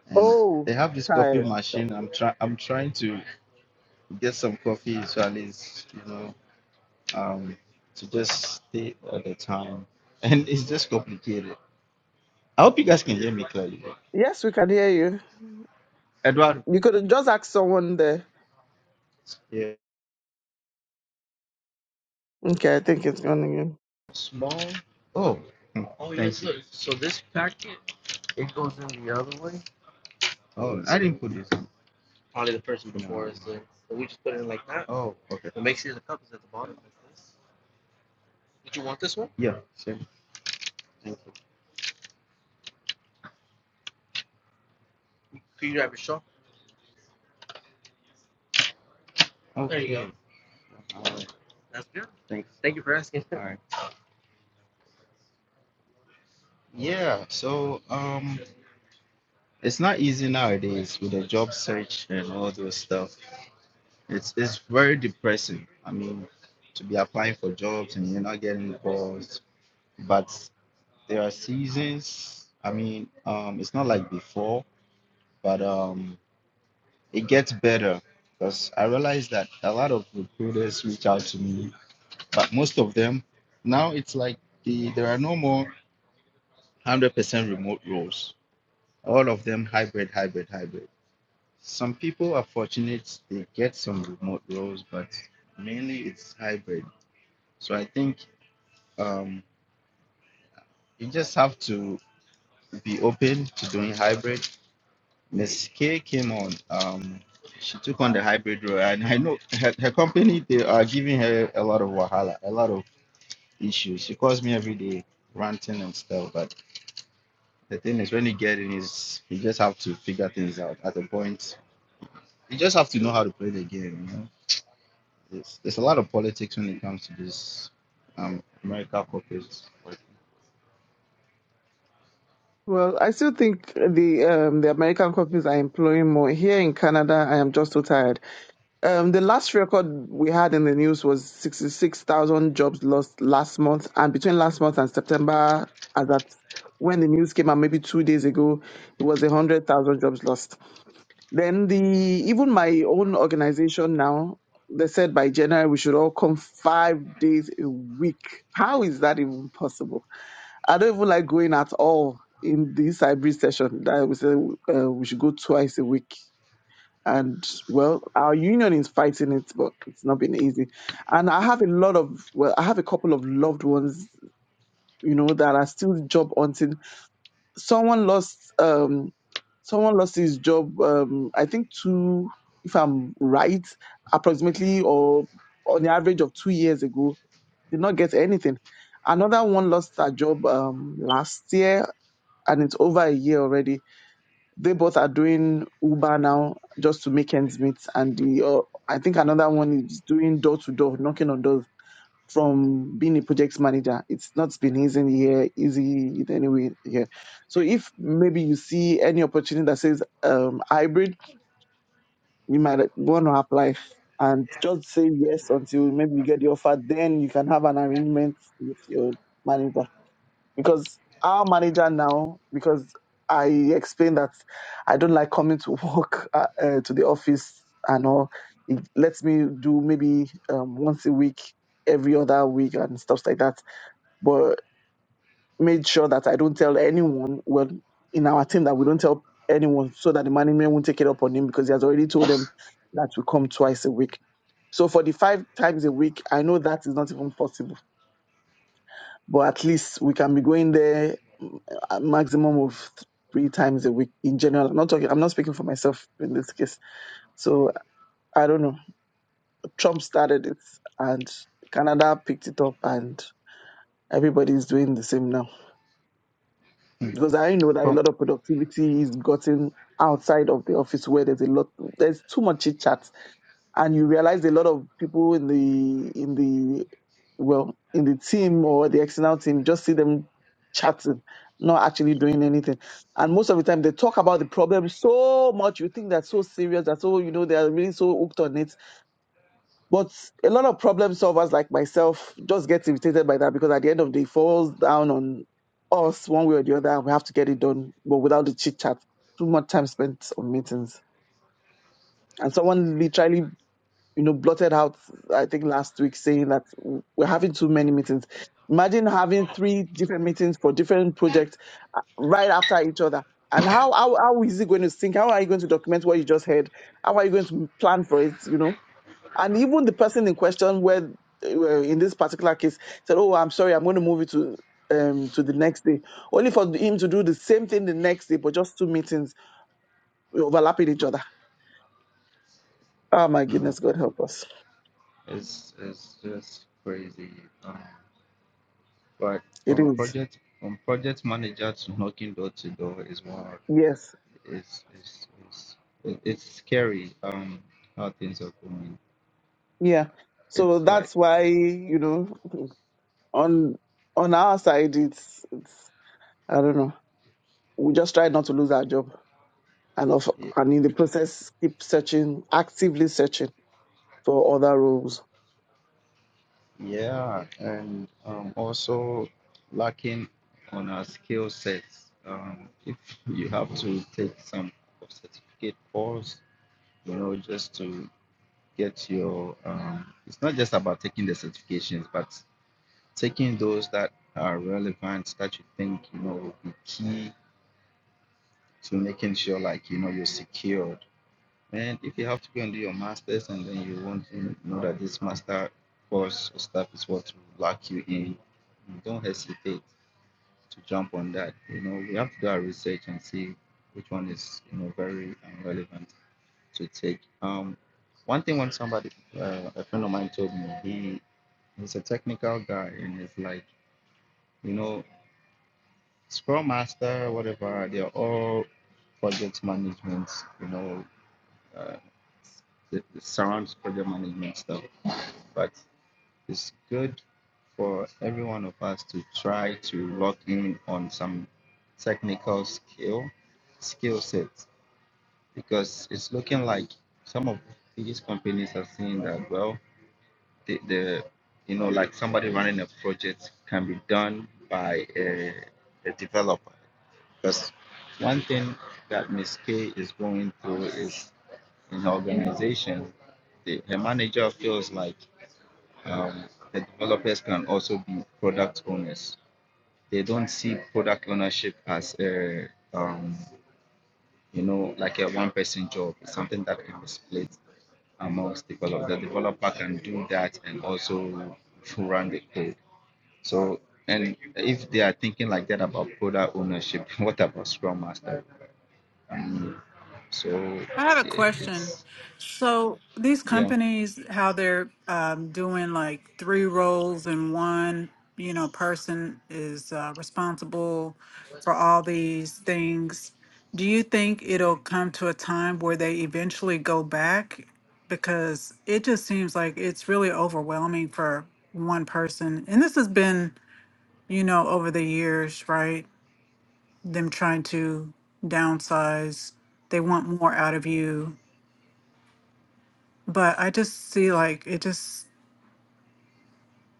C: and they
D: Oh,
C: have this coffee
D: tired.
C: machine. I'm try I'm trying to get some coffee, so at least you know um, to just stay at the time. And it's just complicated. I hope you guys can hear me clearly.
D: Yes, we can hear you.
C: Eduardo.
D: You could have just asked someone there.
C: Yeah.
D: Okay, I think it's gone again.
C: Oh. hmm, Oh yeah, Thank yes, you. so so this packet it goes in the other way. Oh, I So didn't put this. in. probably the person No. before No. us So we just put it in like that. Oh, okay. What makes sure the cup is at the bottom like this. Did you want this one? Yeah, sure. Thank you. Could you grab your shawl? There you go. Okay. All right. That's good. Thanks. Thank you for asking. All right. Yeah. So, um, It's not easy nowadays with the job search and all those stuff. It's it's very depressing. I mean, to be applying for jobs and you're not getting calls. But there are seasons. I mean, um, it's not like before, but um, it gets better because I realize that a lot of recruiters reach out to me, but most of them now it's like the there are no more hundred percent remote roles. All of them hybrid, hybrid, hybrid. Some people are fortunate they get some remote roles, but mainly it's hybrid. So I think um, you just have to be open to doing hybrid. Miss K came on. Um, she took on the hybrid role, and I know her, her company they are giving her a lot of wahala, a lot of issues. She calls me every day ranting and stuff. But the thing is, when you get in, is you just have to figure things out. At a point, you just have to know how to play the game. There's, there's a lot of politics when it comes to this um America corporate work.
D: Well, I still think the um, the American companies are employing more. Here in Canada, I am just so tired. Um, the last record we had in the news was 66,000 jobs lost last month. And between last month and September, as at when the news came out, maybe two days ago, it was 100,000 jobs lost. Then the even my own organization now, they said by January we should all come five days a week. How is that even possible? I don't even like going at all in this hybrid session that we said uh, we should go twice a week. And well, our union is fighting it, but it's not been easy. And I have a lot of, well, I have a couple of loved ones, you know, that are still job hunting someone lost um someone lost his job um i think two if i'm right approximately or on the average of two years ago did not get anything another one lost her job um last year and it's over a year already they both are doing uber now just to make ends meet and the uh, i think another one is doing door to door knocking on doors from being a project manager. It's not been easy here, easy in any way here. So if maybe you see any opportunity that says um, hybrid, you might want to apply and just say yes until maybe you get the offer. Then you can have an arrangement with your manager because our manager now because. I explained that I don't like coming to work uh, uh, to the office and all. It lets me do maybe um, once a week, every other week, and stuff like that but made sure that I don't tell anyone. Well, in our team, that we don't tell anyone so that the management won't take it up on him because he has already told them that we come twice a week. So for the five times a week, I know that is not even possible, but at least we can be going there mm, a maximum of three times a week in general. I'm not talking. I'm not speaking for myself in this case. So I don't know. Trump started it, and Canada picked it up, and everybody's doing the same now.
C: Hmm.
D: because I know that a
C: From
D: lot of productivity is gotten outside of the office where there's a lot there's too much chit chat and you realize a lot of people in the in the well in the team or the external team you just see them chatting not actually doing anything and most of the time they talk about the problem so much you think that's so serious that's so you know they're really so hooked on it but a lot of problem solvers like myself just get irritated by that because at the end of the day, it falls down on us one way or the other. and We have to get it done, but without the chit chat. Too much time spent on meetings. And someone literally, you know, blotted out, I think last week, saying that we're having too many meetings. Imagine having three different meetings for different projects uh, right after each other. And how, how, how is it going to sync? How are you going to document what you just heard? How are you going to plan for it? You know? And even the person in question, where uh, in this particular case, said, "Oh, I'm sorry, I'm going to move it to um, to the next day," only for him to do the same thing the next day, but just two meetings overlapping each other. Oh my
C: hmm.
D: goodness, God help us!
C: it's it's just crazy. Um, but
D: It
C: from
D: is
C: project from project manager to knocking door to door is more
D: yes,
C: is is is it- it's scary um how things are going.
D: yeah. So
C: It's like
D: that's why you know, on on our side, it's, it's I don't know. We just try not to lose our job, and of
C: y-
D: and in the process, keep searching, actively searching for other roles.
C: yeah, and um also lacking on our skill sets. Um, if you have to take some certificate course you know, just to get your. Um, it's not just about taking the certifications, but taking those that are relevant that you think you know will be key to making sure like you know you're secured. And if you have to go and do your masters, and then you want to know that this master course or stuff is what will lock you in, don't hesitate to jump on that. You know, we have to do our research and see which one is you know very um, relevant. to take. Um, one thing when somebody, uh, a friend of mine told me, he he's a technical guy, and it's like you know, Scrum Master, whatever, they're all project management. You know, uh, it surrounds project management stuff, but it's good for every one of us to try to lock in on some technical skill skill sets because it's looking like some of these companies are seeing that well the, the you know like somebody running a project can be done by a, a developer because one thing that Ms. K is going through is in organization the, her manager feels like um, the developers can also be product owners they don't see product ownership as a um, you know like a one person job it's something that can be split amongst developers the developer can do that and also run the code So, and if they are thinking like that about product ownership, what about Scrum Master? Um, so
B: I have a
C: i-
B: question.
C: it's
B: So these
C: yeah,
B: companies, how they're um, doing like three roles and one, you know, person is uh, responsible for all these things. Do you think it'll come to a time where they eventually go back? Because it just seems like it's really overwhelming for one person. And this has been, you know, over the years, right? Them trying to downsize. They want more out of you but I just see like it just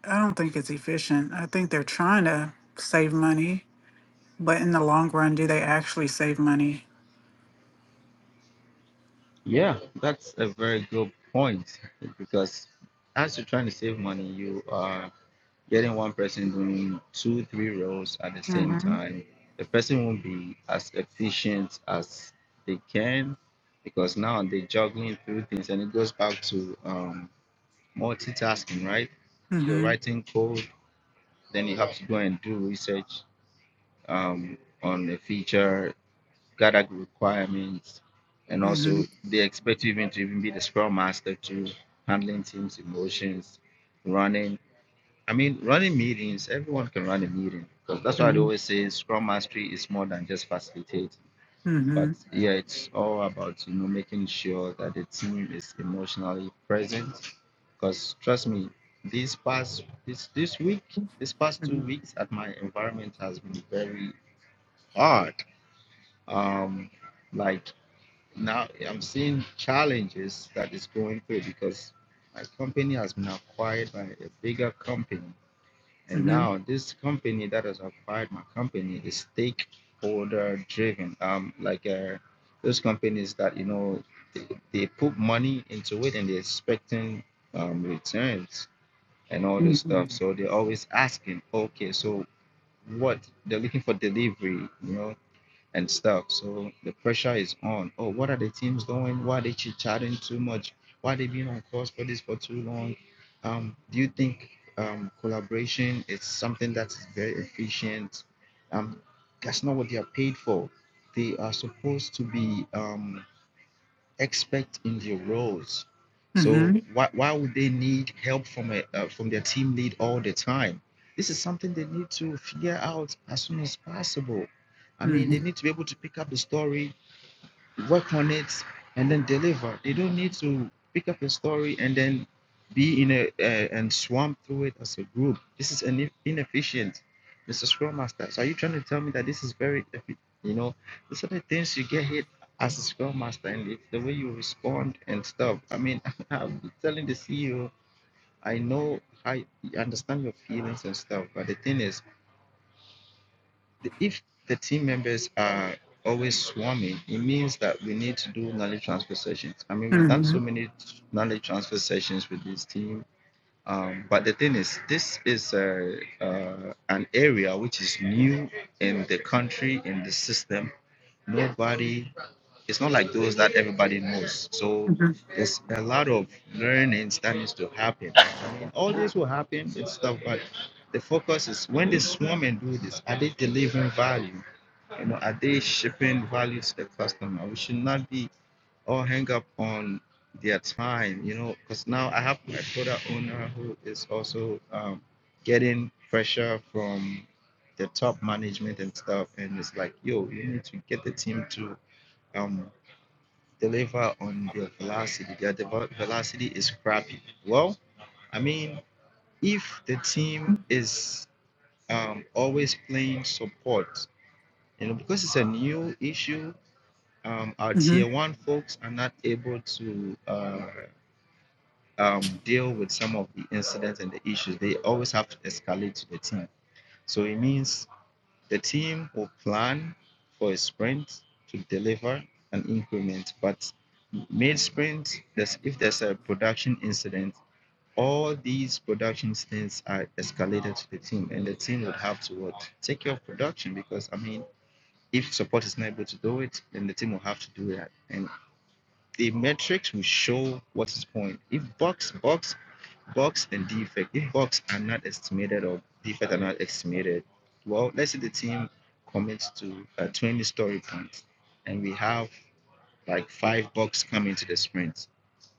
B: I don't think it's efficient. I think they're trying to save money, but in the long run, do they actually save money?
C: yeah. That's a very good point because as you're trying to save money, you are getting one person doing two, three roles at the same
B: Mm-hmm.
C: time. The person won't be as efficient as they can because now they're juggling through things, and it goes back to um, multitasking, right? You're
B: Mm-hmm.
C: writing code Then you have to go and do research um, on the feature, gather requirements, and
B: Mm-hmm.
C: also they expect you even to even be the scrum master too, handling teams' emotions, running. I mean, running meetings. Everyone can run a meeting because that's why they always say scrum mastery is more than just facilitate.
B: Mm-hmm.
C: But
B: Mm-hmm.
C: yeah, it's all about you know making sure that the team is emotionally present because trust me, this past this this week, this past two weeks at my environment has been very hard. Um, like now I'm seeing challenges that is going through because my company has been acquired by a bigger company. And
B: Mm-hmm.
C: now this company that has acquired my company is stakeholder driven. Um, like uh, those companies that you know they, they put money into it and they're expecting um, returns and all this
B: Mm-hmm.
C: stuff. So they're always asking, okay, so what they're looking for delivery, you know, and stuff. So the pressure is on. Oh, what are the teams doing? Why are they chit chatting too much? Why are they being on course for this for too long? Um, do you think um, collaboration is something that is very efficient? Um, that's not what they are paid for. They are supposed to be um, expert in their roles. So
B: Mm-hmm.
C: why why would they need help from a uh, from their team lead all the time? This is something they need to figure out as soon as possible. I mean, they need to be able to pick up the story work on it, and then deliver. They don't need to pick up a story and then be in a uh, and swamp through it as a group. This is ine- inefficient, Mr. Scrum Master. So are you trying to tell me that this is very, you know, these are the things you get hit as a Scrum Master, and it's the way you respond and stuff. I mean, I'm telling the CEO, I know I understand your feelings and stuff, but the thing is the- if the team members are always swarming, it means that we need to do knowledge transfer sessions. I mean,
B: Mm-hmm. Mm-hmm.
C: we've done
B: Mm-hmm.
C: so many knowledge transfer sessions with this team. Um, but the thing is, this is a, uh, an area which is new in the country, in the system. Nobody, it's not like those that everybody knows. So there's a lot of learnings that needs to happen. I mean, all this will happen and stuff, but the focus is when they swarm and do this, are they delivering value? You know, are they shipping value to the customer? We should not be all hang up on their time, you know, because now I have my product owner who is also um, getting pressure from the top management and stuff, and it's like, yo, you need to get the team to um, deliver on their velocity. Their devo- velocity is crappy. Well, I mean, if the team is um, always playing support, you know, because it's a new issue, um, our tier one folks are not able to uh, um, deal with some of the incidents and the issues. They always have to escalate to the team. So it means the team will plan for a sprint to deliver an increment, but mid sprint, there's, if there's a production incident, all these production things are escalated to the team, and the team would have to what, take care of production because I mean, if support is not able to do it, then the team will have to do that. And The metrics will show what is point. If box, box, box, and defect. If box are not estimated or defect are not estimated, well, let's say the team commits to uh, 20 story points, and we have like five box come into the sprint.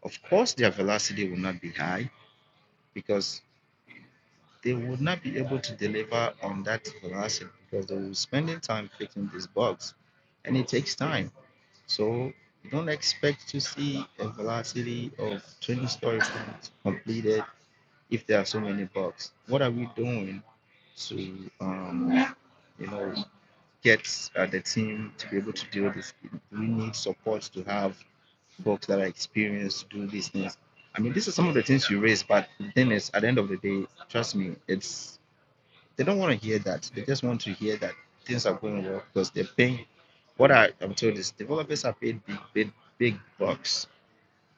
C: Of course, their velocity will not be high because they would not be able to deliver on that velocity because they will be spending time fixing this box, and it takes time so don't expect to see a velocity of 20 story completed if there are so many bugs. What are we doing to, um, you know, get uh, the team to be able to deal with this? Do We need support to have folks that are experienced to do these things. I mean, these are some of the things you raise, but the thing is, at the end of the day, trust me, it's they don't want to hear that. They just want to hear that things are going well because they're paying. What I, I'm told is developers are paid big, big, big bucks,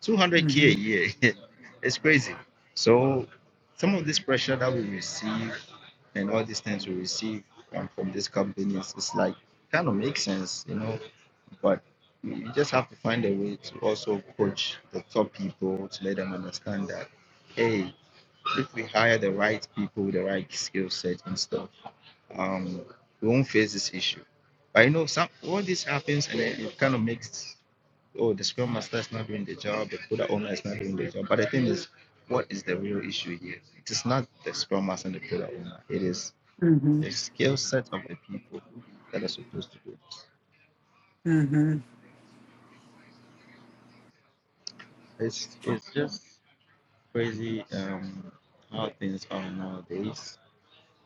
C: 200k
B: Mm-hmm.
C: a year. it's crazy. So some of this pressure that we receive and all these things we receive um, from these companies, it's like kind of makes sense, you know. But you you just have to find a way to also coach the top people to let them understand that, hey, if we hire the right people with the right skill set and stuff um, we won't face this issue. But you know, some all this happens and it, it kind of makes oh the scrum master is not doing the job, the product owner is not doing the job. But the thing is, what is the real issue here? It is not the scrum master and the product owner. It is
B: Mm-hmm.
C: the skill set of the people that are supposed to do. it.
B: Mm-hmm.
C: It's it's just crazy um, how things are nowadays.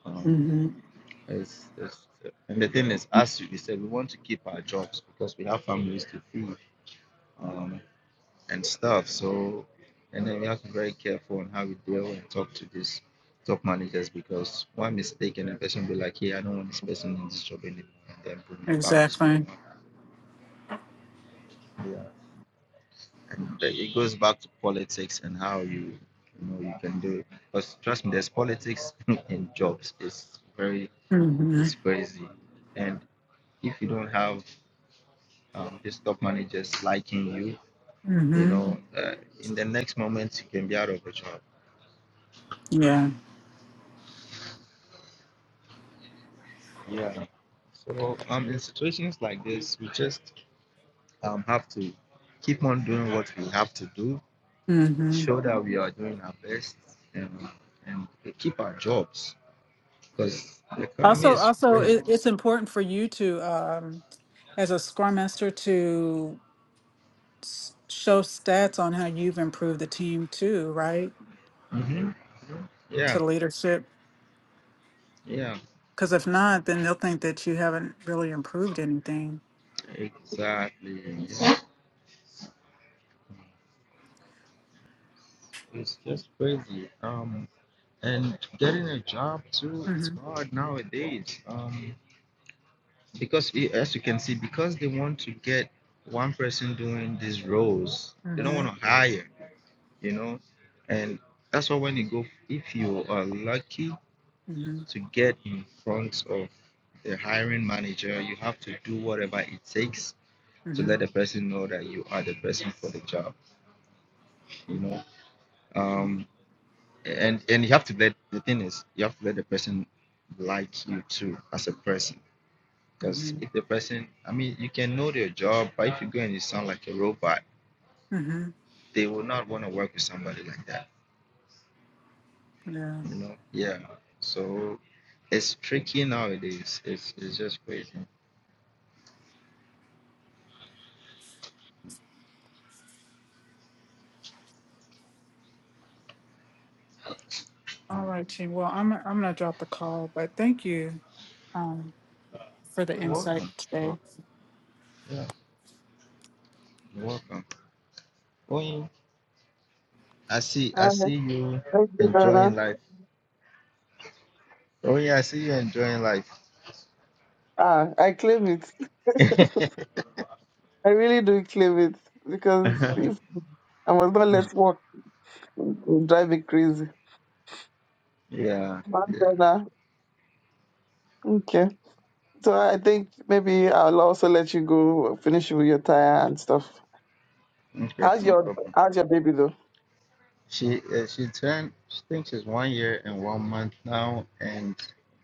C: Um,
B: Mm-hmm.
C: it's, it's, and the thing is, as we said, we want to keep our jobs because we have families to feed. Um, and stuff. So, and then we have to be very careful on how we deal and talk to these top managers because one mistake and a person will be like, hey, I don't want this person in this job anymore, and then bring me back to square
B: Exactly.
C: one. Yeah. And uh, it goes back to politics and how you, you know, you can do it. Because trust me, there's politics in jobs. It's very,
B: Mm-hmm.
C: it's crazy. And if you don't have um, these top managers liking you, you
B: Mm-hmm.
C: know, uh, in the next moment you can be out of a job
B: Yeah.
C: Yeah. So um, in situations like this, we just um have to keep on doing what we have to do,
B: Mm-hmm.
C: show that we are doing our best, and and keep our jobs because the economy
B: Also,
C: is
B: also,
C: crazy.
B: it, it's important for you to um, as a scrum master to s- show stats on how you've improved the team too, right?
C: hmm
B: To
C: Yeah.
B: the leadership.
C: Yeah.
B: Because if not, then they'll think that you haven't really improved anything.
C: Exactly. It's, it's just crazy. Um, and getting a job too, it's
B: Mm-hmm.
C: hard nowadays. Um, because i- as you can see, because they want to get one person doing these roles, they don't
B: Mm-hmm.
C: want to hire, you know, and that's why when you go, if you are lucky
B: Mm-hmm.
C: to get in front of the hiring manager, you have to do whatever it takes to let the
B: Mm-hmm.
C: person know that you are the person for the job, you know, um, and and you have to let the thing is you have to let the person like you too as a person Because
B: Mm-hmm.
C: if the person, I mean, you can know their job, but if you go and you sound like a robot,
B: Mm-hmm.
C: they will not want to work with somebody like that.
B: Yeah.
C: You know? Yeah. So it's tricky nowadays. It's it's just crazy.
B: All right, team. Well, I'm I'm gonna drop the call, but thank you um, for the
C: You're
B: insight
C: welcome. Oh,
B: today.
C: yeah, you're welcome. Oh, yeah. I see. I
D: Uh,
C: see you enjoying life. Oh yeah, I see you enjoying life.
D: Ah, I claim it.
C: yeah.
D: I really do claim it because if I was not let work, it would drive me crazy.
C: Yeah.
D: One burner. Okay. So I think maybe I'll also let you go finish with your tire and stuff.
C: Okay.
D: How's
C: No
D: your
C: problem.
D: How's your baby though?
C: She uh, she turned she thinks it's one year and one month now, and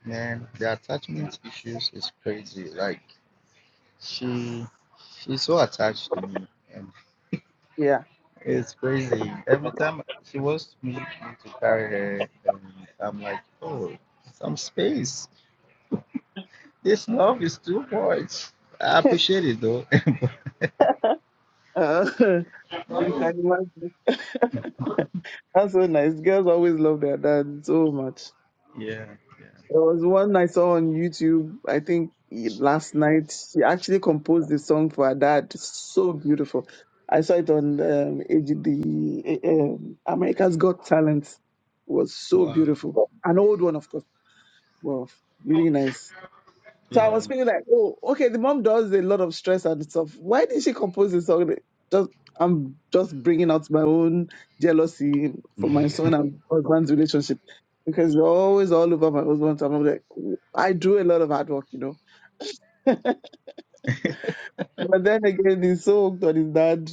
C: man, the attachment issues is crazy. Like she she's so attached to me, and
D: Yeah.
C: it's crazy. Every time she wants me to carry her, and I'm like, oh, some space. This love is too much. I appreciate it though.
D: Uh, you can imagine. That's so nice. Girls always love their dad so much.
C: yeah, yeah.
D: There was one I saw on YouTube, I think y- last night. She actually composed the song for her dad. So beautiful. I saw it on um, AGD, eh, um, America's Got Talent. It was so
C: Wow.
D: beautiful. An old one, of course. Wow, really nice. So I
C: Yeah.
D: was thinking like, oh, okay, the mom does a lot of stress and stuff. Why did she compose a song? that- Just I'm just bringing out my own jealousy from my son and husband's relationship because we're always all over my husband. And I'm like, I do a lot of hard work, you know. But then again, he's so hooked on his dad,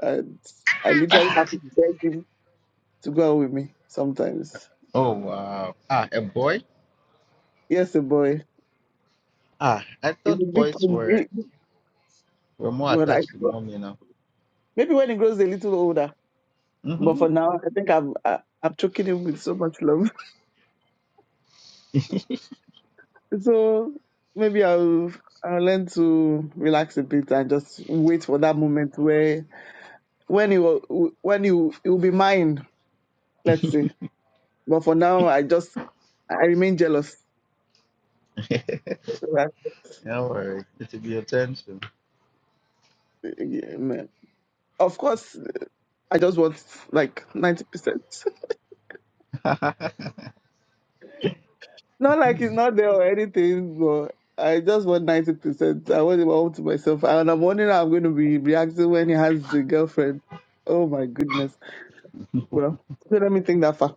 D: and I literally have to beg him to go out with me sometimes.
C: oh wow. Ah, a boy.
D: Yes, a boy.
C: Ah, I
D: It's
C: thought
D: a big
C: boys were were more
D: when I
C: attached to mom, you know.
D: maybe when he grows a little older. But
C: hmm
D: for now, I think I've I, I've taken him with so much love. So maybe I'll I'll learn to relax a bit and just wait for that moment where when it will when it will, it will be mine. Let's see. But for now, I just I remain jealous. That's-
C: Don't worry, it'll be your turn soon.
D: yeah, man. Of course, I just want like ninety percent.
C: yeah,
D: Not like it's not there or anything, but I just want ninety percent. I want him all to myself, and I'm wondering how I'm going to be reacting when he has a girlfriend. Oh my goodness! Well, so let me think that far.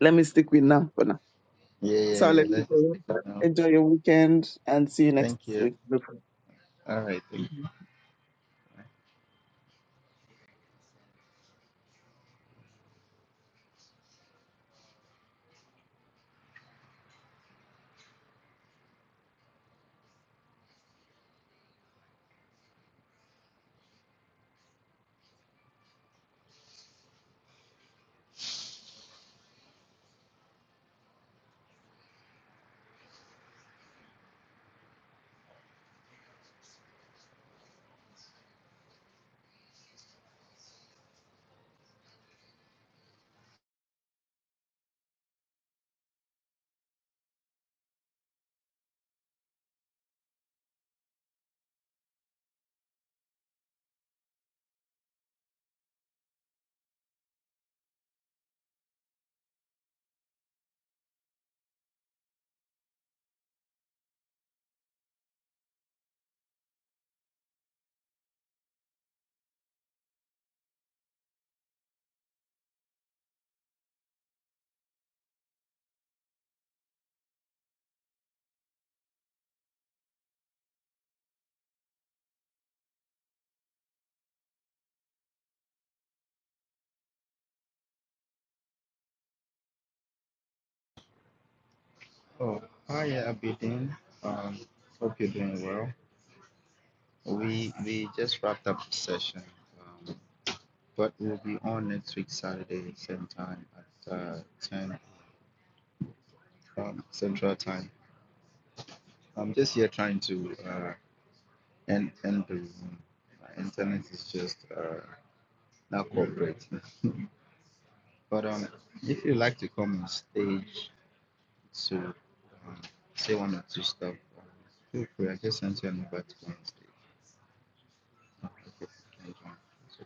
D: Let me stick with now for now.
C: yeah,
D: So I'll
C: yeah.
D: let you
C: Let's just take it
D: go.
C: now.
D: Enjoy your weekend and see you next
C: Thank you.
D: week. No problem.
C: All right, thank you. Oh, hi, Abidin. Um, hope you're doing well. We we just wrapped up the session, um, but we'll be on next week Saturday, same time at uh, ten um, Central Time. I'm just here trying to. Uh, and and the internet is just uh, not cooperating. but um, if you like to come on stage to um, say one or two stuff, um, feel free. I just sent you an invite to come on stage. Okay, you can join. So